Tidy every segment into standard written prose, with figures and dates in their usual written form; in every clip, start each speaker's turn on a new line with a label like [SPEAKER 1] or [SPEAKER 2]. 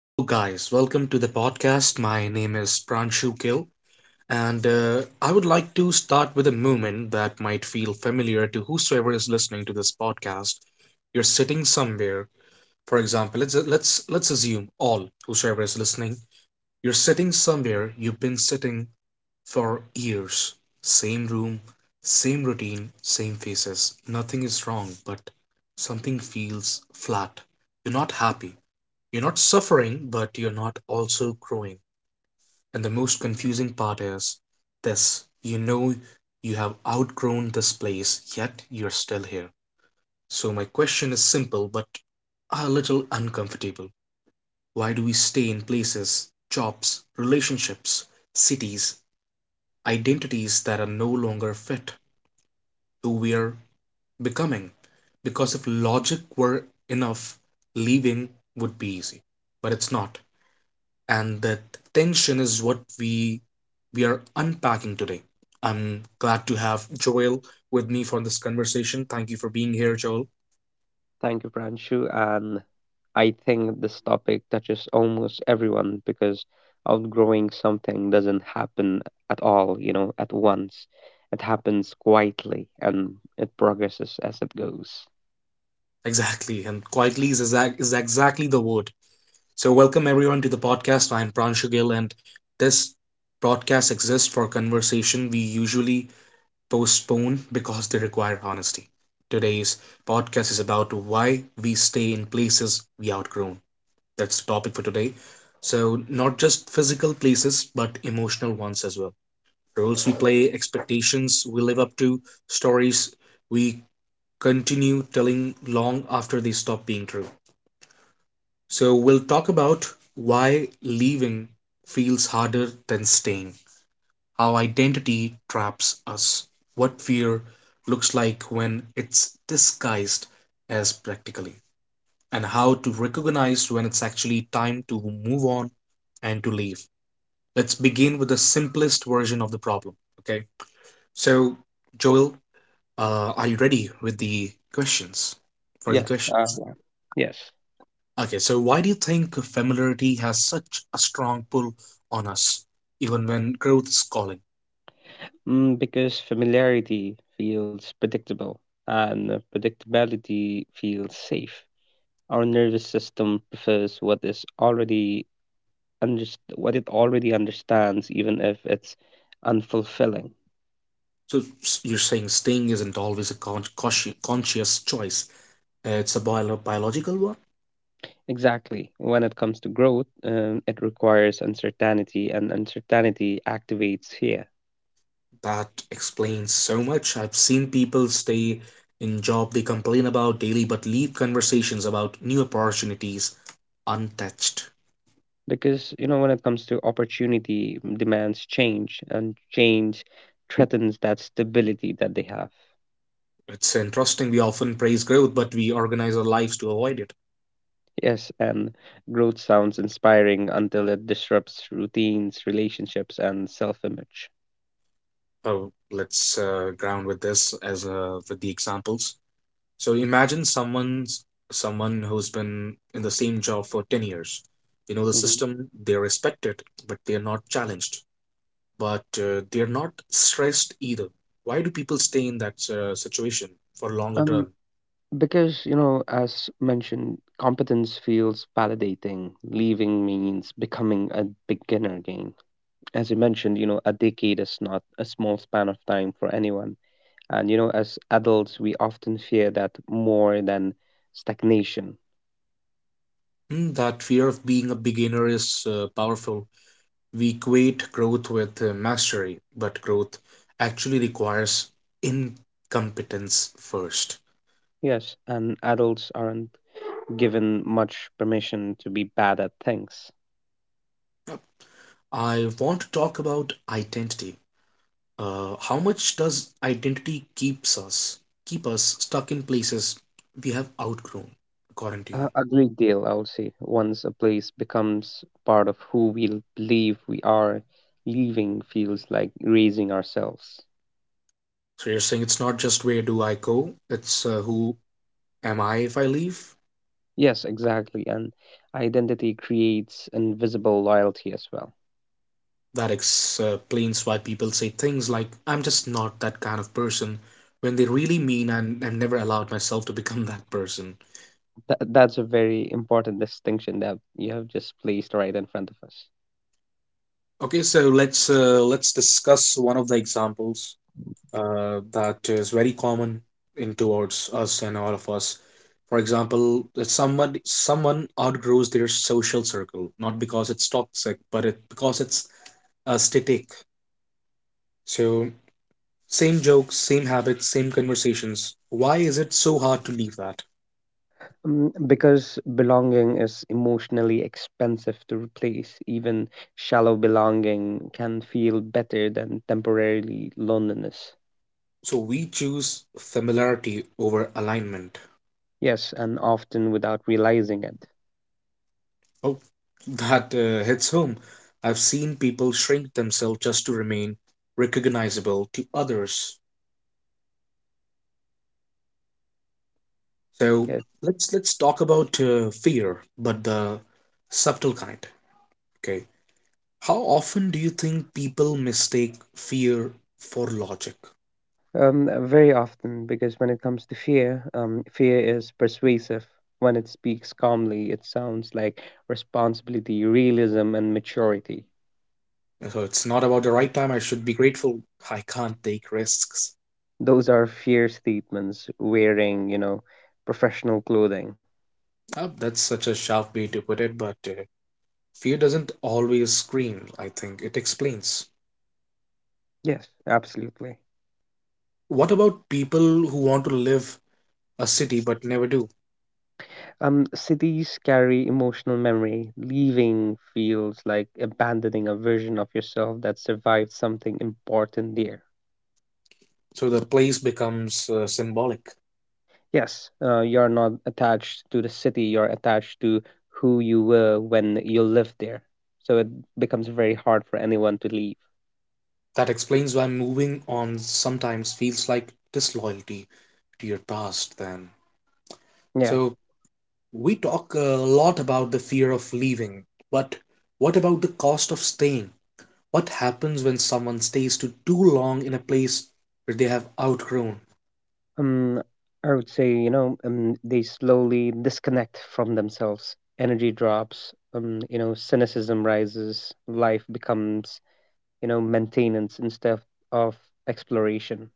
[SPEAKER 1] Hello, guys. Welcome to the podcast. My name is Pranshu Gill, and I would like to start with a moment that might feel familiar to whosoever is listening to this podcast. You're sitting somewhere. For example, let's assume all whosoever is listening. You're sitting somewhere. You've been sitting for years. Same room, same routine, same faces. Nothing is wrong, but something feels flat. You're not happy. You're not suffering, but you're not also growing. And the most confusing part is this. You have outgrown this place, yet you're still here. So, my question is simple but a little uncomfortable. Why do we stay in places, jobs, relationships, cities, identities that are no longer fit who we are becoming? Because if logic were enough, leaving would be easy. But it's not. And that tension is what we are unpacking today. I'm glad to have Joel with me for this conversation. Thank you for being here, Joel.
[SPEAKER 2] Thank you, Pranshu. And I think this topic touches almost everyone because outgrowing something doesn't happen at all, at once. It happens quietly and it progresses as it goes.
[SPEAKER 1] Exactly, and quietly is, is exactly the word. So, welcome everyone to the podcast. I'm Pranshu Gill, and this broadcast exists for conversation we usually postpone because they require honesty. Today's podcast is about why we stay in places we outgrown. That's the topic for today. So, not just physical places, but emotional ones as well. Roles we play, expectations we live up to, stories we continue telling long after they stop being true. So, we'll talk about why leaving feels harder than staying, how identity traps us, what fear looks like when it's disguised as practically, and how to recognize when it's actually time to move on and to leave. Let's begin with the simplest version of the problem. Okay. So, Joel, are you ready with the questions? For the
[SPEAKER 2] Yes.
[SPEAKER 1] questions.
[SPEAKER 2] Yeah. Yes.
[SPEAKER 1] Okay. So, why do you think familiarity has such a strong pull on us, even when growth is calling?
[SPEAKER 2] Because familiarity feels predictable and predictability feels safe. Our nervous system prefers what it already understands, even if it's unfulfilling.
[SPEAKER 1] So, you're saying staying isn't always a conscious choice, it's a biological one?
[SPEAKER 2] Exactly. When it comes to growth, it requires uncertainty, and uncertainty activates fear.
[SPEAKER 1] That explains so much. I've seen people stay in job they complain about daily but leave conversations about new opportunities untouched.
[SPEAKER 2] Because, when it comes to opportunity, demands change, and change threatens that stability that they have.
[SPEAKER 1] It's interesting. We often praise growth, but we organize our lives to avoid it.
[SPEAKER 2] Yes, and growth sounds inspiring until it disrupts routines, relationships, and self image.
[SPEAKER 1] Oh, let's ground with this as with the examples. So imagine someone who's been in the same job for 10 years. They know the
[SPEAKER 2] Hmm.
[SPEAKER 1] system, they respect it, but they're not challenged. But they're not stressed either. Why do people stay in that situation for longer
[SPEAKER 2] Um,
[SPEAKER 1] term?
[SPEAKER 2] Because, as mentioned, competence feels validating. Leaving means becoming a beginner again. As you mentioned, a decade is not a small span of time for anyone. And, as adults, we often fear that more than stagnation.
[SPEAKER 1] Hmm, that fear of being a beginner is powerful. We equate growth with mastery, but growth actually requires incompetence first.
[SPEAKER 2] Yes, and adults aren't given much permission to be bad at things.
[SPEAKER 1] Yep. I want to talk about identity. How much does identity keep us stuck in places we have outgrown, according to
[SPEAKER 2] A
[SPEAKER 1] you?
[SPEAKER 2] a great deal, I would say. Once a place becomes part of who we believe we are, leaving feels like raising ourselves.
[SPEAKER 1] So you're saying it's not just where do I go, it's who am I if I leave?
[SPEAKER 2] Yes, exactly. And identity creates invisible loyalty as well.
[SPEAKER 1] That explains why people say things like, I'm just not that kind of person, when they really mean I've never allowed myself to become that person.
[SPEAKER 2] That's a very important distinction that you have just placed right in front of us.
[SPEAKER 1] Okay, so let's discuss one of the examples that is very common in towards us and all of us. For example, that someone outgrows their social circle, not because it's toxic, but it because it's aesthetic. So, same jokes, same habits, same conversations, why is it so hard to leave that?
[SPEAKER 2] Because belonging is emotionally expensive to replace, even shallow belonging can feel better than temporarily loneliness.
[SPEAKER 1] So we choose familiarity over alignment.
[SPEAKER 2] Yes, and often without realizing it.
[SPEAKER 1] Oh, that hits home. I've seen people shrink themselves just to remain recognizable to others. So
[SPEAKER 2] Yes,
[SPEAKER 1] let's talk about fear, but the subtle kind. Okay, how often do you think people mistake fear for logic?
[SPEAKER 2] very often, because when it comes to fear, fear is persuasive. When it speaks calmly, it sounds like responsibility, realism, and maturity.
[SPEAKER 1] So it's not about the right time. I should be grateful. I can't take risks.
[SPEAKER 2] Those are fear statements wearing, professional clothing.
[SPEAKER 1] Oh, that's such a sharp way to put it, but fear doesn't always scream, I think. It explains.
[SPEAKER 2] Yes, absolutely.
[SPEAKER 1] What about people who want to live a city but never do?
[SPEAKER 2] Cities carry emotional memory. Leaving feels like abandoning a version of yourself that survived something important there.
[SPEAKER 1] So the place becomes symbolic.
[SPEAKER 2] Yes, you're not attached to the city, you're attached to who you were when you lived there. So it becomes very hard for anyone to leave.
[SPEAKER 1] That explains why moving on sometimes feels like disloyalty to your past, then.
[SPEAKER 2] Yeah.
[SPEAKER 1] So we talk a lot about the fear of leaving, but what about the cost of staying? What happens when someone stays to too long in a place where they have outgrown?
[SPEAKER 2] Um, I would say, they slowly disconnect from themselves. Energy drops, cynicism rises, life becomes, maintenance instead of exploration.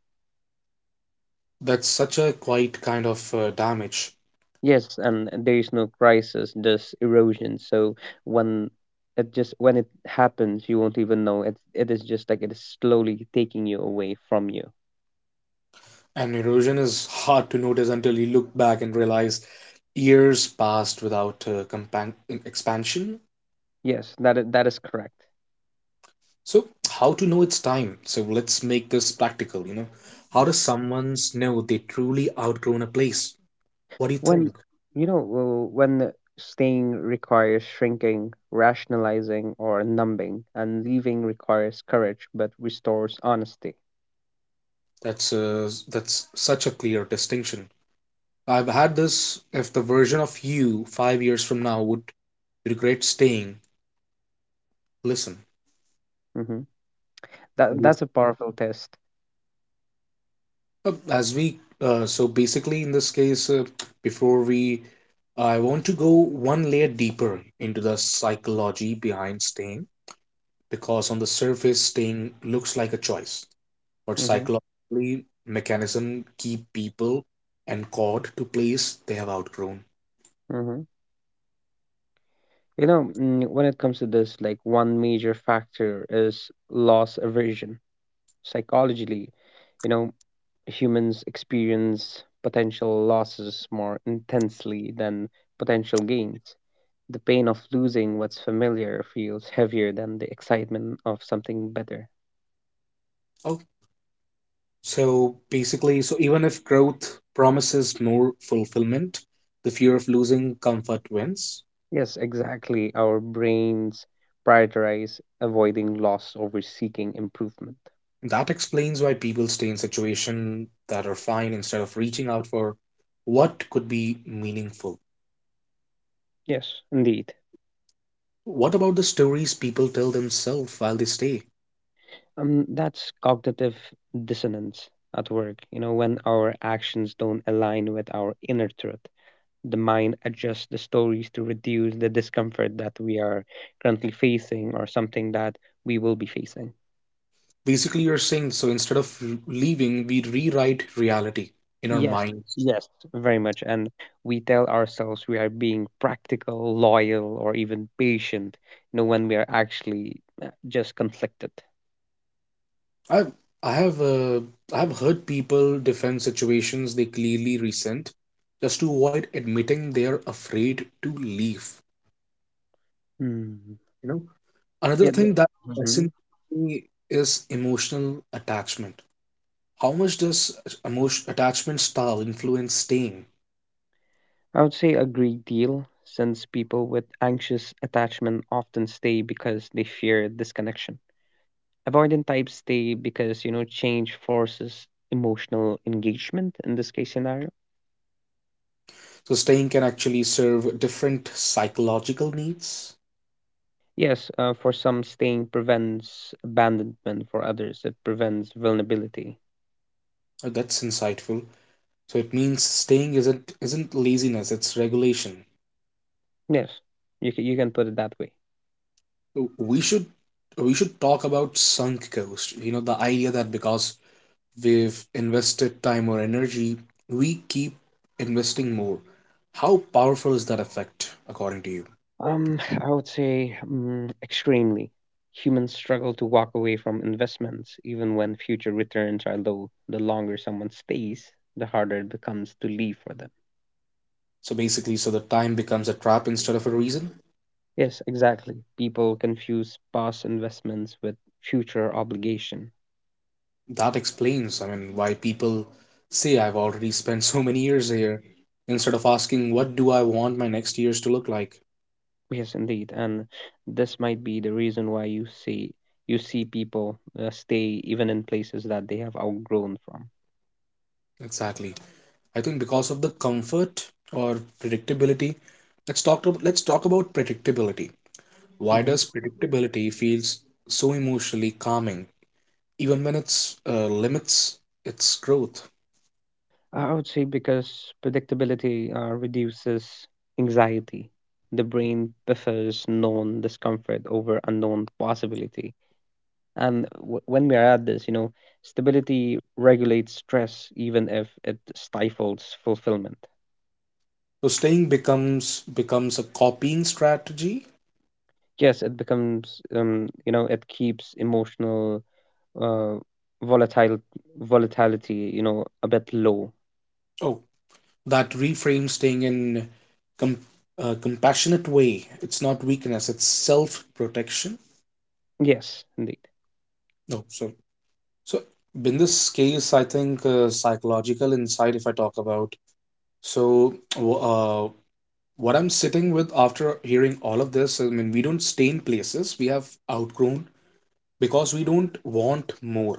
[SPEAKER 1] That's such a quiet kind of damage.
[SPEAKER 2] Yes, and there is no crisis, just erosion. So when when it happens, you won't even know. It is just like it is slowly taking you away from you.
[SPEAKER 1] And erosion is hard to notice until you look back and realize years passed without expansion.
[SPEAKER 2] Yes, that is correct.
[SPEAKER 1] So, how to know it's time? So, let's make this practical, you know. How does someone know they truly outgrown a place? What do you
[SPEAKER 2] When
[SPEAKER 1] think?
[SPEAKER 2] you know when staying requires shrinking, rationalizing, or numbing, and leaving requires courage but restores honesty.
[SPEAKER 1] That's such a clear distinction. I've had this if the version of you 5 years from now would regret staying, listen.
[SPEAKER 2] Hmm. That's a powerful test.
[SPEAKER 1] So basically in this case, before we, I want to go one layer deeper into the psychology behind staying because on the surface, staying looks like a choice, but
[SPEAKER 2] Mm-hmm.
[SPEAKER 1] psychologically, mechanism keep people anchored to place they have outgrown.
[SPEAKER 2] Mm-hmm. When it comes to this, like one major factor is loss aversion. Psychologically, you know, humans experience potential losses more intensely than potential gains. The pain of losing what's familiar feels heavier than the excitement of something better.
[SPEAKER 1] Oh, so basically, so even if growth promises more fulfillment, the fear of losing comfort wins.
[SPEAKER 2] Yes, exactly. Our brains prioritize avoiding loss over seeking improvement.
[SPEAKER 1] That explains why people stay in situations that are fine instead of reaching out for what could be meaningful.
[SPEAKER 2] Yes, indeed.
[SPEAKER 1] What about the stories people tell themselves while they stay?
[SPEAKER 2] That's cognitive dissonance at work. When our actions don't align with our inner truth, the mind adjusts the stories to reduce the discomfort that we are currently facing or something that we will be facing.
[SPEAKER 1] Basically, you're saying so instead of leaving, we rewrite reality in our
[SPEAKER 2] Yes,
[SPEAKER 1] minds.
[SPEAKER 2] yes, very much. And we tell ourselves we are being practical, loyal, or even patient, when we are actually just conflicted.
[SPEAKER 1] I've I have uh, I have heard people defend situations they clearly resent just to avoid admitting they are afraid to leave.
[SPEAKER 2] Hmm.
[SPEAKER 1] You know, another
[SPEAKER 2] Yeah.
[SPEAKER 1] thing that fascinates me is emotional attachment, how much does emotion attachment style influence staying?
[SPEAKER 2] I would say a great deal, since people with anxious attachment often stay because they fear disconnection. Avoidant types stay because, change forces emotional engagement in this case scenario.
[SPEAKER 1] So staying can actually serve different psychological needs.
[SPEAKER 2] Yes, for some, staying prevents abandonment, for others, it prevents vulnerability.
[SPEAKER 1] Oh, that's insightful. So it means staying isn't laziness, it's regulation.
[SPEAKER 2] Yes, you can put it that way.
[SPEAKER 1] So we should talk about sunk cost. You know, the idea that because we've invested time or energy, we keep investing more. How powerful is that effect according to you?
[SPEAKER 2] I would say extremely. Humans struggle to walk away from investments even when future returns are low. The longer someone stays, the harder it becomes to leave for them.
[SPEAKER 1] So basically, so the time becomes a trap instead of a reason?
[SPEAKER 2] Yes, exactly. People confuse past investments with future obligation.
[SPEAKER 1] That explains, I mean, why people say I've already spent so many years here instead of asking what do I want my next years to look like.
[SPEAKER 2] Yes, indeed. And this might be the reason why you see people stay even in places that they have outgrown from.
[SPEAKER 1] Exactly. I think because of the comfort or predictability, let's talk about predictability. Why
[SPEAKER 2] Mhm.
[SPEAKER 1] does predictability feels so emotionally calming even when it's limits its growth?
[SPEAKER 2] I would say because predictability reduces anxiety. The brain prefers known discomfort over unknown possibility. And when we are at this, stability regulates stress even if it stifles fulfillment.
[SPEAKER 1] So staying becomes a copying strategy.
[SPEAKER 2] Yes, it keeps emotional uh, volatile volatility, a bit low.
[SPEAKER 1] Oh, that reframes staying in com- a compassionate way. It's not weakness, it's self protection.
[SPEAKER 2] Yes, indeed.
[SPEAKER 1] No, so in this case, I think psychological insight. If I talk about so, w- uh, what I'm sitting with after hearing all of this, I mean, we don't stay in places. We have outgrown because we don't want more.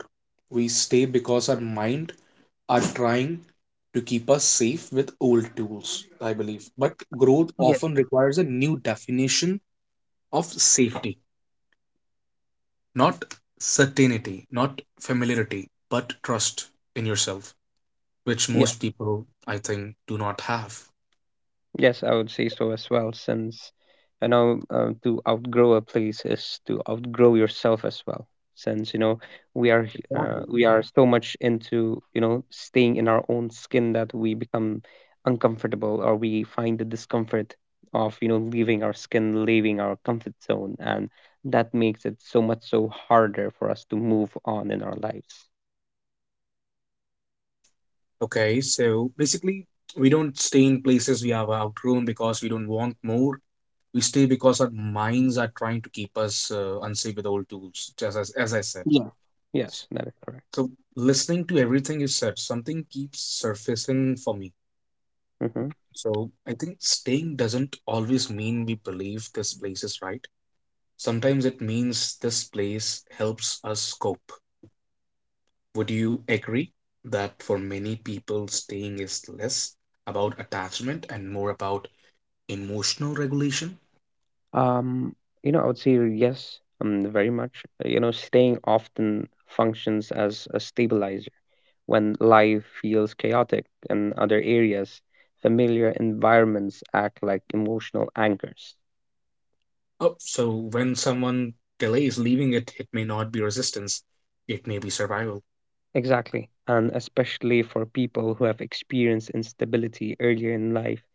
[SPEAKER 1] We stay because our mind are trying to keep us safe with old tools, I believe. But growth
[SPEAKER 2] Yes.
[SPEAKER 1] often requires a new definition of safety, not certainty, not familiarity, but trust in yourself, which most people, I think, do not have.
[SPEAKER 2] Yes, I would say so as well, since to outgrow a place is to outgrow yourself as well. Since we are h- uh,
[SPEAKER 1] Exactly.
[SPEAKER 2] we are so much into staying in our own skin that we become uncomfortable or we find the discomfort of leaving our skin, leaving our comfort zone, and that makes it so much so harder for us to move on in our lives.
[SPEAKER 1] Okay, so basically, we don't stay in places we have outgrown because we don't want more. We stay because our minds are trying to keep us unsafe with old tools, just as I said.
[SPEAKER 2] Yeah.
[SPEAKER 1] S-
[SPEAKER 2] Yes, that is correct.
[SPEAKER 1] So, listening to everything you said, something keeps surfacing for me.
[SPEAKER 2] Mhm.
[SPEAKER 1] So, I think staying doesn't always mean we believe this place is right. Sometimes it means this place helps us cope. Would you agree that for many people, staying is less about attachment and more about emotional regulation?
[SPEAKER 2] Um, I would say yes, very much. Staying often functions as a stabilizer. When life feels chaotic in other areas, familiar environments act like emotional anchors.
[SPEAKER 1] Oh, so when someone delays leaving it, it may not be resistance, it may be survival.
[SPEAKER 2] Exactly. And especially for people who have experienced instability earlier in life,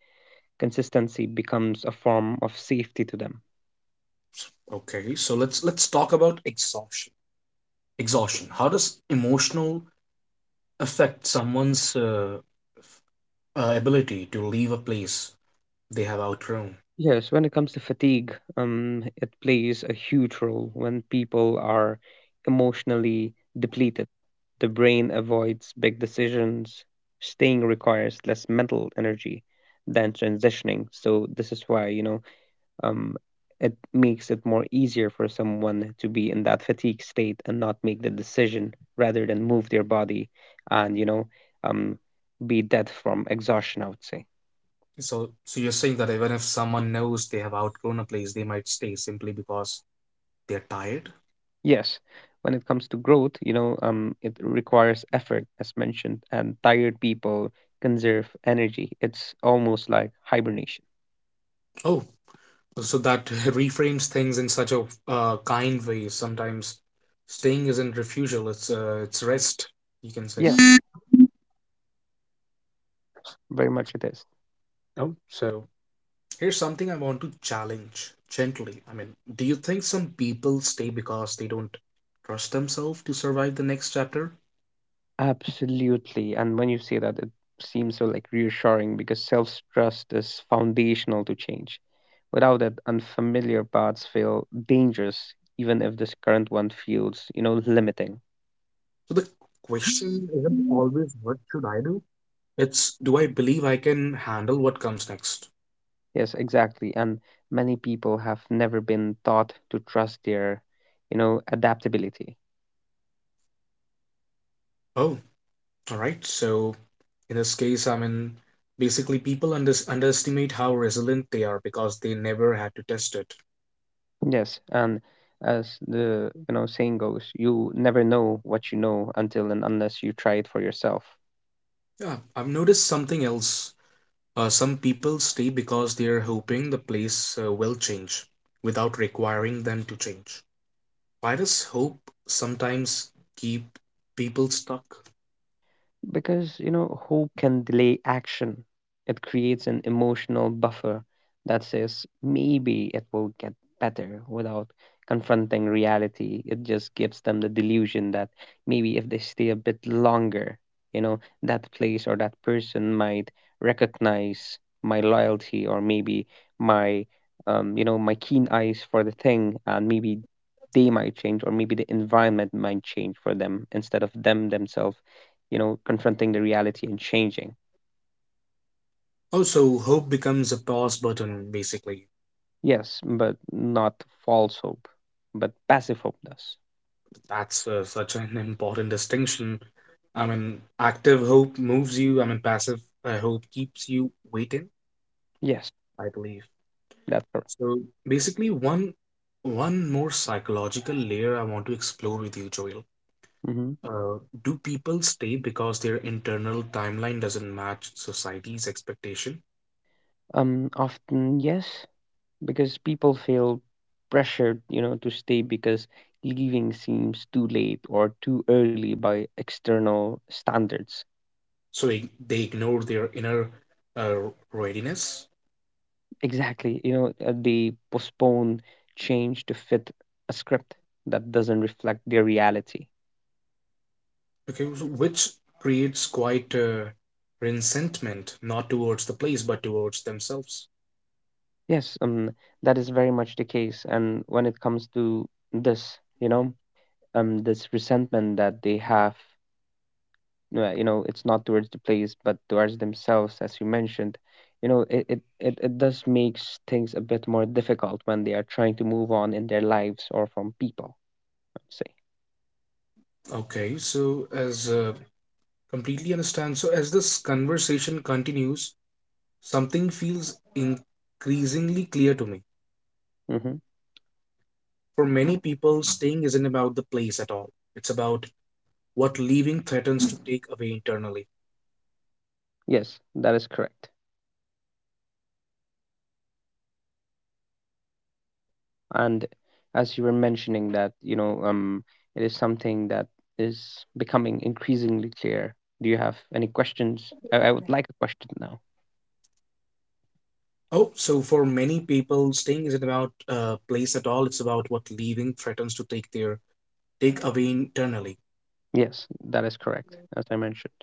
[SPEAKER 2] consistency becomes a form of safety to them.
[SPEAKER 1] Okay, so let's talk about exhaustion. Exhaustion. How does emotional affect someone's ability to leave a place they have outgrown?
[SPEAKER 2] Yes, when it comes to fatigue, it plays a huge role when people are emotionally depleted. The brain avoids big decisions. Staying requires less mental energy than transitioning. So this is why, um, it makes it more easier for someone to be in that fatigue state and not make the decision rather than move their body and, um, be dead from exhaustion, I would say.
[SPEAKER 1] So, so you're saying that even if someone knows they have outgrown a place, they might stay simply because they're tired.
[SPEAKER 2] Yes, when it comes to growth, it requires effort, as mentioned, and tired people conserve energy. It's almost like hibernation.
[SPEAKER 1] Oh, so that reframes things in such a kind way. Sometimes staying isn't refusal, it's rest, you can say.
[SPEAKER 2] Yes, very much it is.
[SPEAKER 1] Oh, so here's something I want to challenge gently. I mean, do you think some people stay because they don't trust themselves to survive the next chapter?
[SPEAKER 2] Absolutely. And when you say that, it seems so like reassuring because self-trust is foundational to change. Without it, unfamiliar paths feel dangerous, even if this current one feels, limiting.
[SPEAKER 1] So the question isn't always what should I do? It's do I believe I can handle what comes next?
[SPEAKER 2] Yes, exactly. And many people have never been taught to trust their, adaptability.
[SPEAKER 1] Oh, all right. So in this case, I mean, basically people underestimate how resilient they are because they never had to test it.
[SPEAKER 2] Yes, and as the saying goes, you never know what you know until and unless you try it for yourself.
[SPEAKER 1] Yeah, I've noticed something else. Some people stay because they're hoping the place will change without requiring them to change. Why does hope sometimes keep people stuck?
[SPEAKER 2] Because, hope can delay action. It creates an emotional buffer that says maybe it will get better without confronting reality. It just gives them the delusion that maybe if they stay a bit longer, that place or that person might recognize my loyalty or maybe my, my keen eyes for the thing and maybe they might change or maybe the environment might change for them instead of them themselves confronting the reality and changing.
[SPEAKER 1] Also, hope becomes a pause button basically.
[SPEAKER 2] Yes, but not false hope, but passive hope does.
[SPEAKER 1] That's such an important distinction. I mean, active hope moves you, I mean, passive hope keeps you waiting,
[SPEAKER 2] Yes,
[SPEAKER 1] I believe.
[SPEAKER 2] that's correct.
[SPEAKER 1] So basically, one more psychological layer I want to explore with you, Joel.
[SPEAKER 2] Hmm.
[SPEAKER 1] Uh, do people stay because their internal timeline doesn't match society's expectation?
[SPEAKER 2] Often yes, because people feel pressured to stay because leaving seems too late or too early by external standards.
[SPEAKER 1] So they ignore their inner uh, readiness?
[SPEAKER 2] Exactly, they postpone change to fit a script that doesn't reflect their reality.
[SPEAKER 1] Because which creates quite a resentment, not towards the place, but towards themselves.
[SPEAKER 2] Yes, that is very much the case. And when it comes to this, you know, this resentment that they have, it's not towards the place, but towards themselves, as you mentioned, it does makes things a bit more difficult when they are trying to move on in their lives or from people, I'd
[SPEAKER 1] Okay, so as completely understand, so as this conversation continues, something feels increasingly clear to me.
[SPEAKER 2] say. Hmm.
[SPEAKER 1] For many people, staying isn't about the place at all. It's about what leaving threatens to take away internally.
[SPEAKER 2] Yes, that is correct, And as you were mentioning that, you know, it is something that is becoming increasingly clear. Do you have any questions? I would like a question now.
[SPEAKER 1] Oh, so for many people, staying isn't about place at all. It's about what leaving threatens to take their take away internally.
[SPEAKER 2] Yes, that is correct, as I mentioned.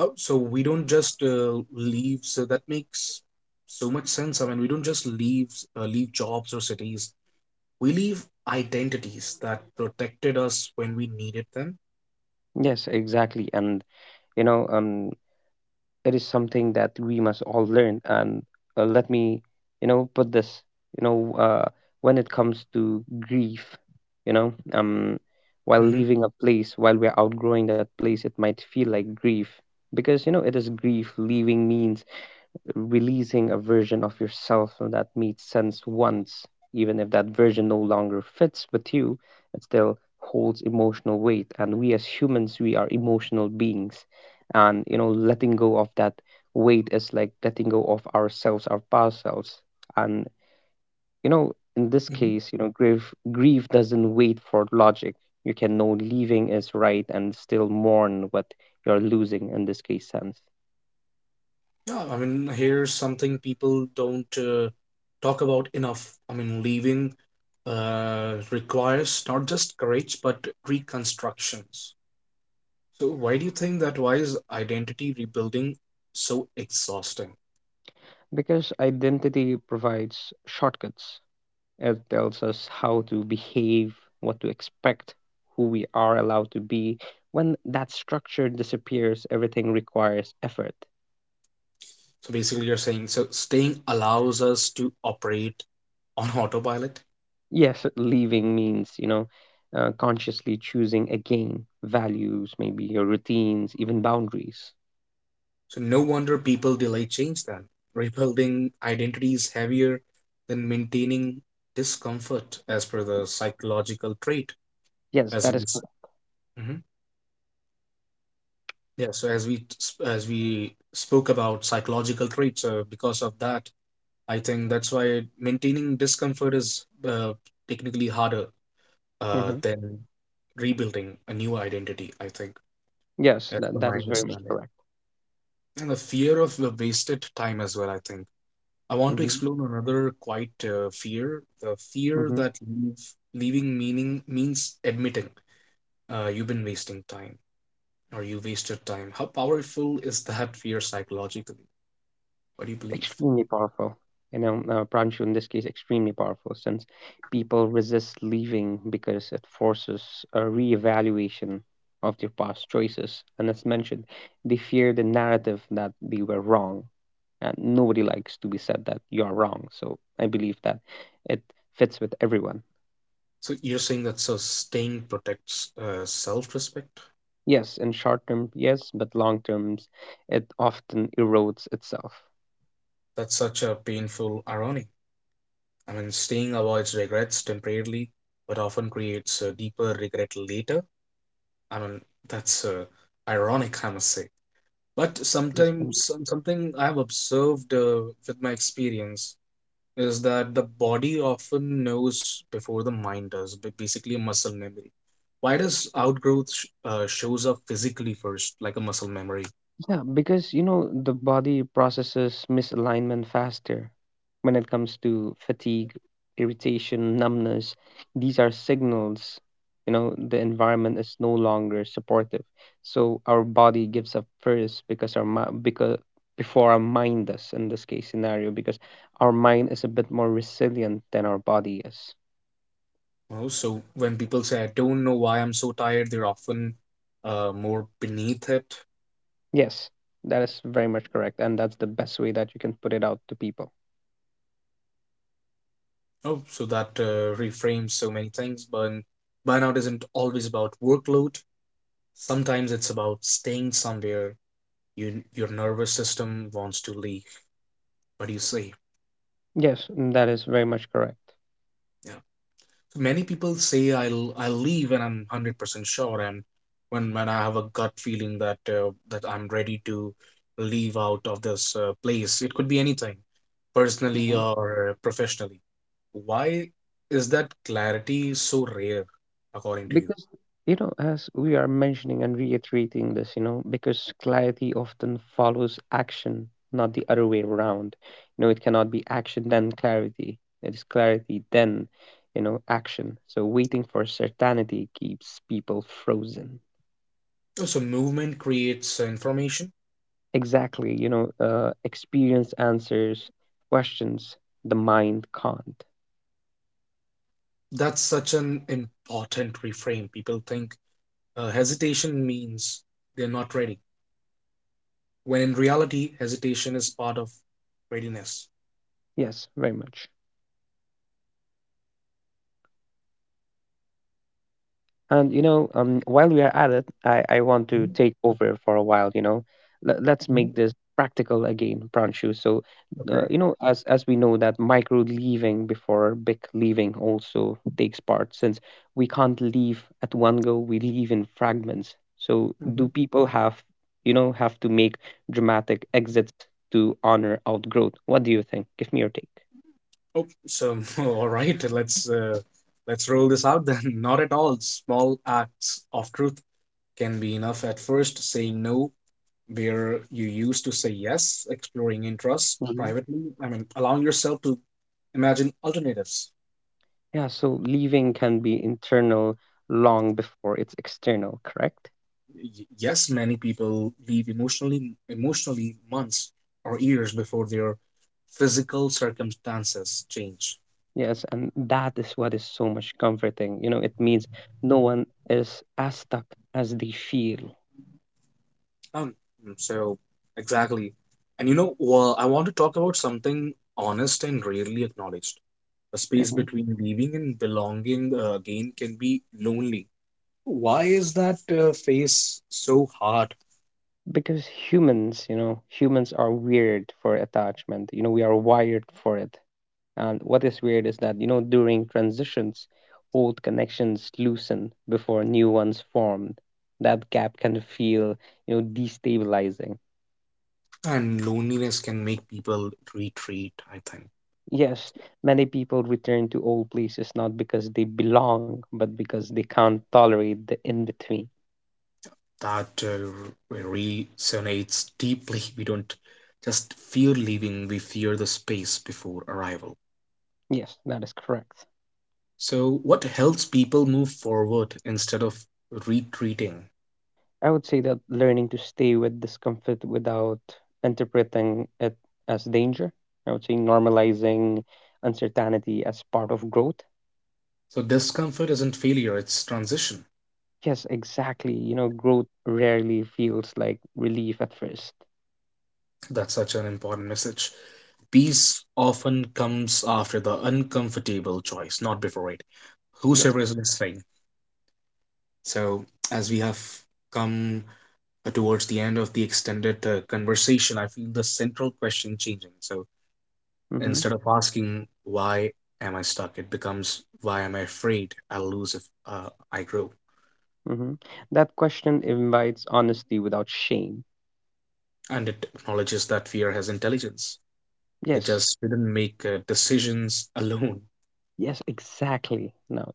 [SPEAKER 1] Oh, so we don't just leave. So that makes so much sense. I mean, we don't just leave leave jobs or cities. We leave identities that protected us when we needed them.
[SPEAKER 2] Yes, exactly. And you know, um, it is something that we must all learn. And let me, put this, you know, uh, when it comes to grief, you know, um, while
[SPEAKER 1] hmm
[SPEAKER 2] leaving a place, while we're outgrowing that place, it might feel like grief because, it is grief. Leaving means releasing a version of yourself that made sense once, even if that version no longer fits with you, it still holds emotional weight. And we as humans, we are emotional beings. And, letting go of that weight is like letting go of ourselves, our past selves. And, in this
[SPEAKER 1] hmm
[SPEAKER 2] case, grief doesn't wait for logic. You can know leaving is right and still mourn what you're losing in this case sense.
[SPEAKER 1] Yeah, I mean, here's something people don't talk about enough. I mean, leaving requires not just courage but reconstructions. So why do you think that why is identity rebuilding so exhausting?
[SPEAKER 2] Because identity provides shortcuts. It tells us how to behave, what to expect, who we are allowed to be. When that structure disappears, everything requires effort.
[SPEAKER 1] So basically, you're saying so staying allows us to operate on autopilot.
[SPEAKER 2] Yes, leaving means, consciously choosing again values, maybe your routines, even boundaries.
[SPEAKER 1] So no wonder people delay change then. Rebuilding identity is heavier than maintaining discomfort as per the psychological trait
[SPEAKER 2] Yes,
[SPEAKER 1] as
[SPEAKER 2] that is correct.
[SPEAKER 1] Mhm. Yeah, so as as we spoke about psychological traits because of that I think that's why maintaining discomfort is technically harder
[SPEAKER 2] Hmm.
[SPEAKER 1] than rebuilding a new identity, I think.
[SPEAKER 2] Yes,
[SPEAKER 1] That's
[SPEAKER 2] that,
[SPEAKER 1] for
[SPEAKER 2] that
[SPEAKER 1] my
[SPEAKER 2] is very much
[SPEAKER 1] understanding.
[SPEAKER 2] correct.
[SPEAKER 1] And the fear of the wasted time as well, I think. I want to
[SPEAKER 2] hmm
[SPEAKER 1] explore another quite fear, the fear
[SPEAKER 2] hmm
[SPEAKER 1] that leaving meaning means admitting you've been wasting time or you wasted time. How powerful is that fear psychologically? What do you believe?
[SPEAKER 2] extremely powerful. Pranshu in this case, extremely powerful since people resist leaving because it forces a reevaluation of their past choices. And as mentioned, they fear the narrative that they were wrong. And nobody likes to be said that you're wrong. So I believe that it fits with everyone.
[SPEAKER 1] So you're saying that so staying protects self-respect?
[SPEAKER 2] Yes, in short term, yes, but long terms, it often erodes itself.
[SPEAKER 1] That's such a painful irony. I mean, staying avoids regrets temporarily, but often creates a deeper regret later. I mean, that's ironic, I must say. But sometimes something I have observed with my experience is that the body often knows before the mind does, but basically a muscle memory. Why does outgrowth shows up physically first, like a muscle memory?
[SPEAKER 2] Yeah, because the body processes misalignment faster when it comes to fatigue, irritation, numbness. These are signals, the environment is no longer supportive. So our body gives up first because before our mind does in this case scenario because our mind is a bit more resilient than our body is.
[SPEAKER 1] Oh, so when people say, I don't know why I'm so tired, they're often more beneath it.
[SPEAKER 2] Yes, that is very much correct and that's the best way that you can put it out to people.
[SPEAKER 1] Oh, so that reframes so many things. But burnout isn't always about workload. Sometimes it's about staying somewhere your nervous system wants to leave. What do you say?
[SPEAKER 2] Yes, that is very much correct.
[SPEAKER 1] Yeah, so many people say I'll leave when I'm 100% sure, and when I have a gut feeling that that I'm ready to leave out of this place. It could be anything personally or professionally. Why is that clarity so rare, according to
[SPEAKER 2] Because as we are mentioning and reiterating this, because clarity often follows action, not the other way around. It cannot be action then clarity, it is clarity then action, so waiting for certainty keeps people frozen.
[SPEAKER 1] you? So movement creates information.
[SPEAKER 2] Exactly, experience answers questions the mind can't.
[SPEAKER 1] That's such an important reframe. People think hesitation means they're not ready, when in reality hesitation is part of readiness.
[SPEAKER 2] Yes, very much. And while we are at it, I want to take over for a while. Let's make
[SPEAKER 1] Mm-hmm.
[SPEAKER 2] this practical again, Pranshu. So,
[SPEAKER 1] Okay.
[SPEAKER 2] as we know that micro leaving before big leaving also takes part, since we can't leave at one go, we leave in fragments. So, do
[SPEAKER 1] Mm-hmm.
[SPEAKER 2] people have to make dramatic exits to honor outgrowth? What do you think? Give me your take.
[SPEAKER 1] Oh so oh, all right, let's roll this out then. Not at all. Small acts of truth can be enough at first. Saying no where you used to say yes, exploring interest
[SPEAKER 2] Mhm.
[SPEAKER 1] privately, I mean allowing yourself to imagine alternatives.
[SPEAKER 2] Yeah, so leaving can be internal long before it's external, correct?
[SPEAKER 1] Yes, many people leave emotionally months or years before their physical circumstances change.
[SPEAKER 2] Yes, and that is what is so much comforting. It means no one is as stuck as they feel.
[SPEAKER 1] Um, so exactly. And you know, well, I want to talk about something honest and rarely acknowledged. The space
[SPEAKER 2] Hmm.
[SPEAKER 1] between leaving and belonging again can be lonely. Why is that phase so hard?
[SPEAKER 2] Because humans, humans are weird for attachment. We are wired for it. And what is weird is that, during transitions, old connections loosen before new ones formed. That gap can feel, destabilizing.
[SPEAKER 1] And loneliness can make people retreat, I think.
[SPEAKER 2] Yes, many people return to old places not because they belong, but because they can't tolerate the in between.
[SPEAKER 1] That resonates deeply. We don't just fear leaving, we fear the space before arrival.
[SPEAKER 2] Yes, that is correct.
[SPEAKER 1] So, what helps people move forward instead of retreating?
[SPEAKER 2] I would say that learning to stay with discomfort without interpreting it as danger. I would say normalizing uncertainty as part of growth.
[SPEAKER 1] So discomfort isn't failure, it's transition.
[SPEAKER 2] Yes, exactly. Growth rarely feels like relief at first.
[SPEAKER 1] That's such an important message. Peace often comes after the uncomfortable choice, not before it.
[SPEAKER 2] Yes.
[SPEAKER 1] Whosoever is listening. So, as we have come towards the end of the extended conversation, I feel the central question changing. So,
[SPEAKER 2] Mm-hmm.
[SPEAKER 1] instead of asking, why am I stuck, it becomes, why am I afraid I'll lose if I grow?
[SPEAKER 2] Mm-hmm. That question invites honesty without shame.
[SPEAKER 1] And it acknowledges that fear has intelligence. It
[SPEAKER 2] Yes.
[SPEAKER 1] just did not make decisions alone.
[SPEAKER 2] Yes, exactly. Now,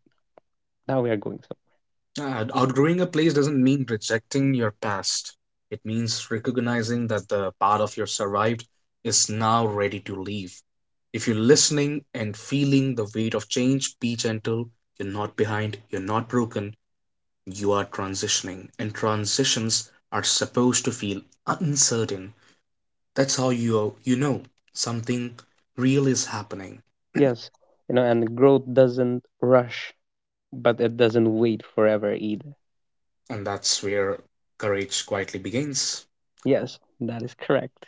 [SPEAKER 2] now we are going so.
[SPEAKER 1] Outgrowing a place doesn't mean rejecting your past. It means recognizing that the part of your survived is now ready to leave. If you're listening and feeling the weight of change, be gentle. You're not behind, you're not broken, you are transitioning. And transitions are supposed to feel uncertain. That's how you you know something real is happening.
[SPEAKER 2] Yes. And growth doesn't rush, but it doesn't wait forever either.
[SPEAKER 1] And that's where courage quietly begins.
[SPEAKER 2] Yes, that is correct.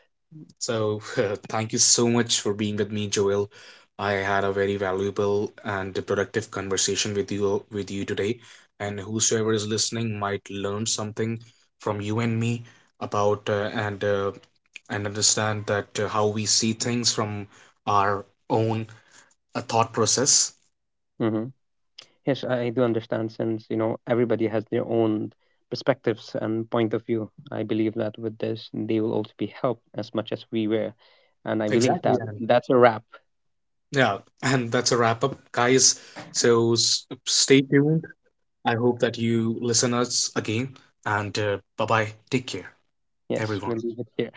[SPEAKER 1] So, thank you so much for being with me, Joel. I had a very valuable and productive conversation with you today, and whosoever is listening might learn something from you and me about and understand that how we see things from our own thought process.
[SPEAKER 2] Hmm. Yes, I do understand since, everybody has their own perspectives and point of view. I believe that with this, they will also be helped as much as we were. And I believe
[SPEAKER 1] Exactly,
[SPEAKER 2] that
[SPEAKER 1] and
[SPEAKER 2] that's a wrap.
[SPEAKER 1] yeah, and that's a wrap up, guys. So stay tuned. I hope that you listen us again, and bye bye. Take care,
[SPEAKER 2] Yes,
[SPEAKER 1] everyone.
[SPEAKER 2] we'll leave it here.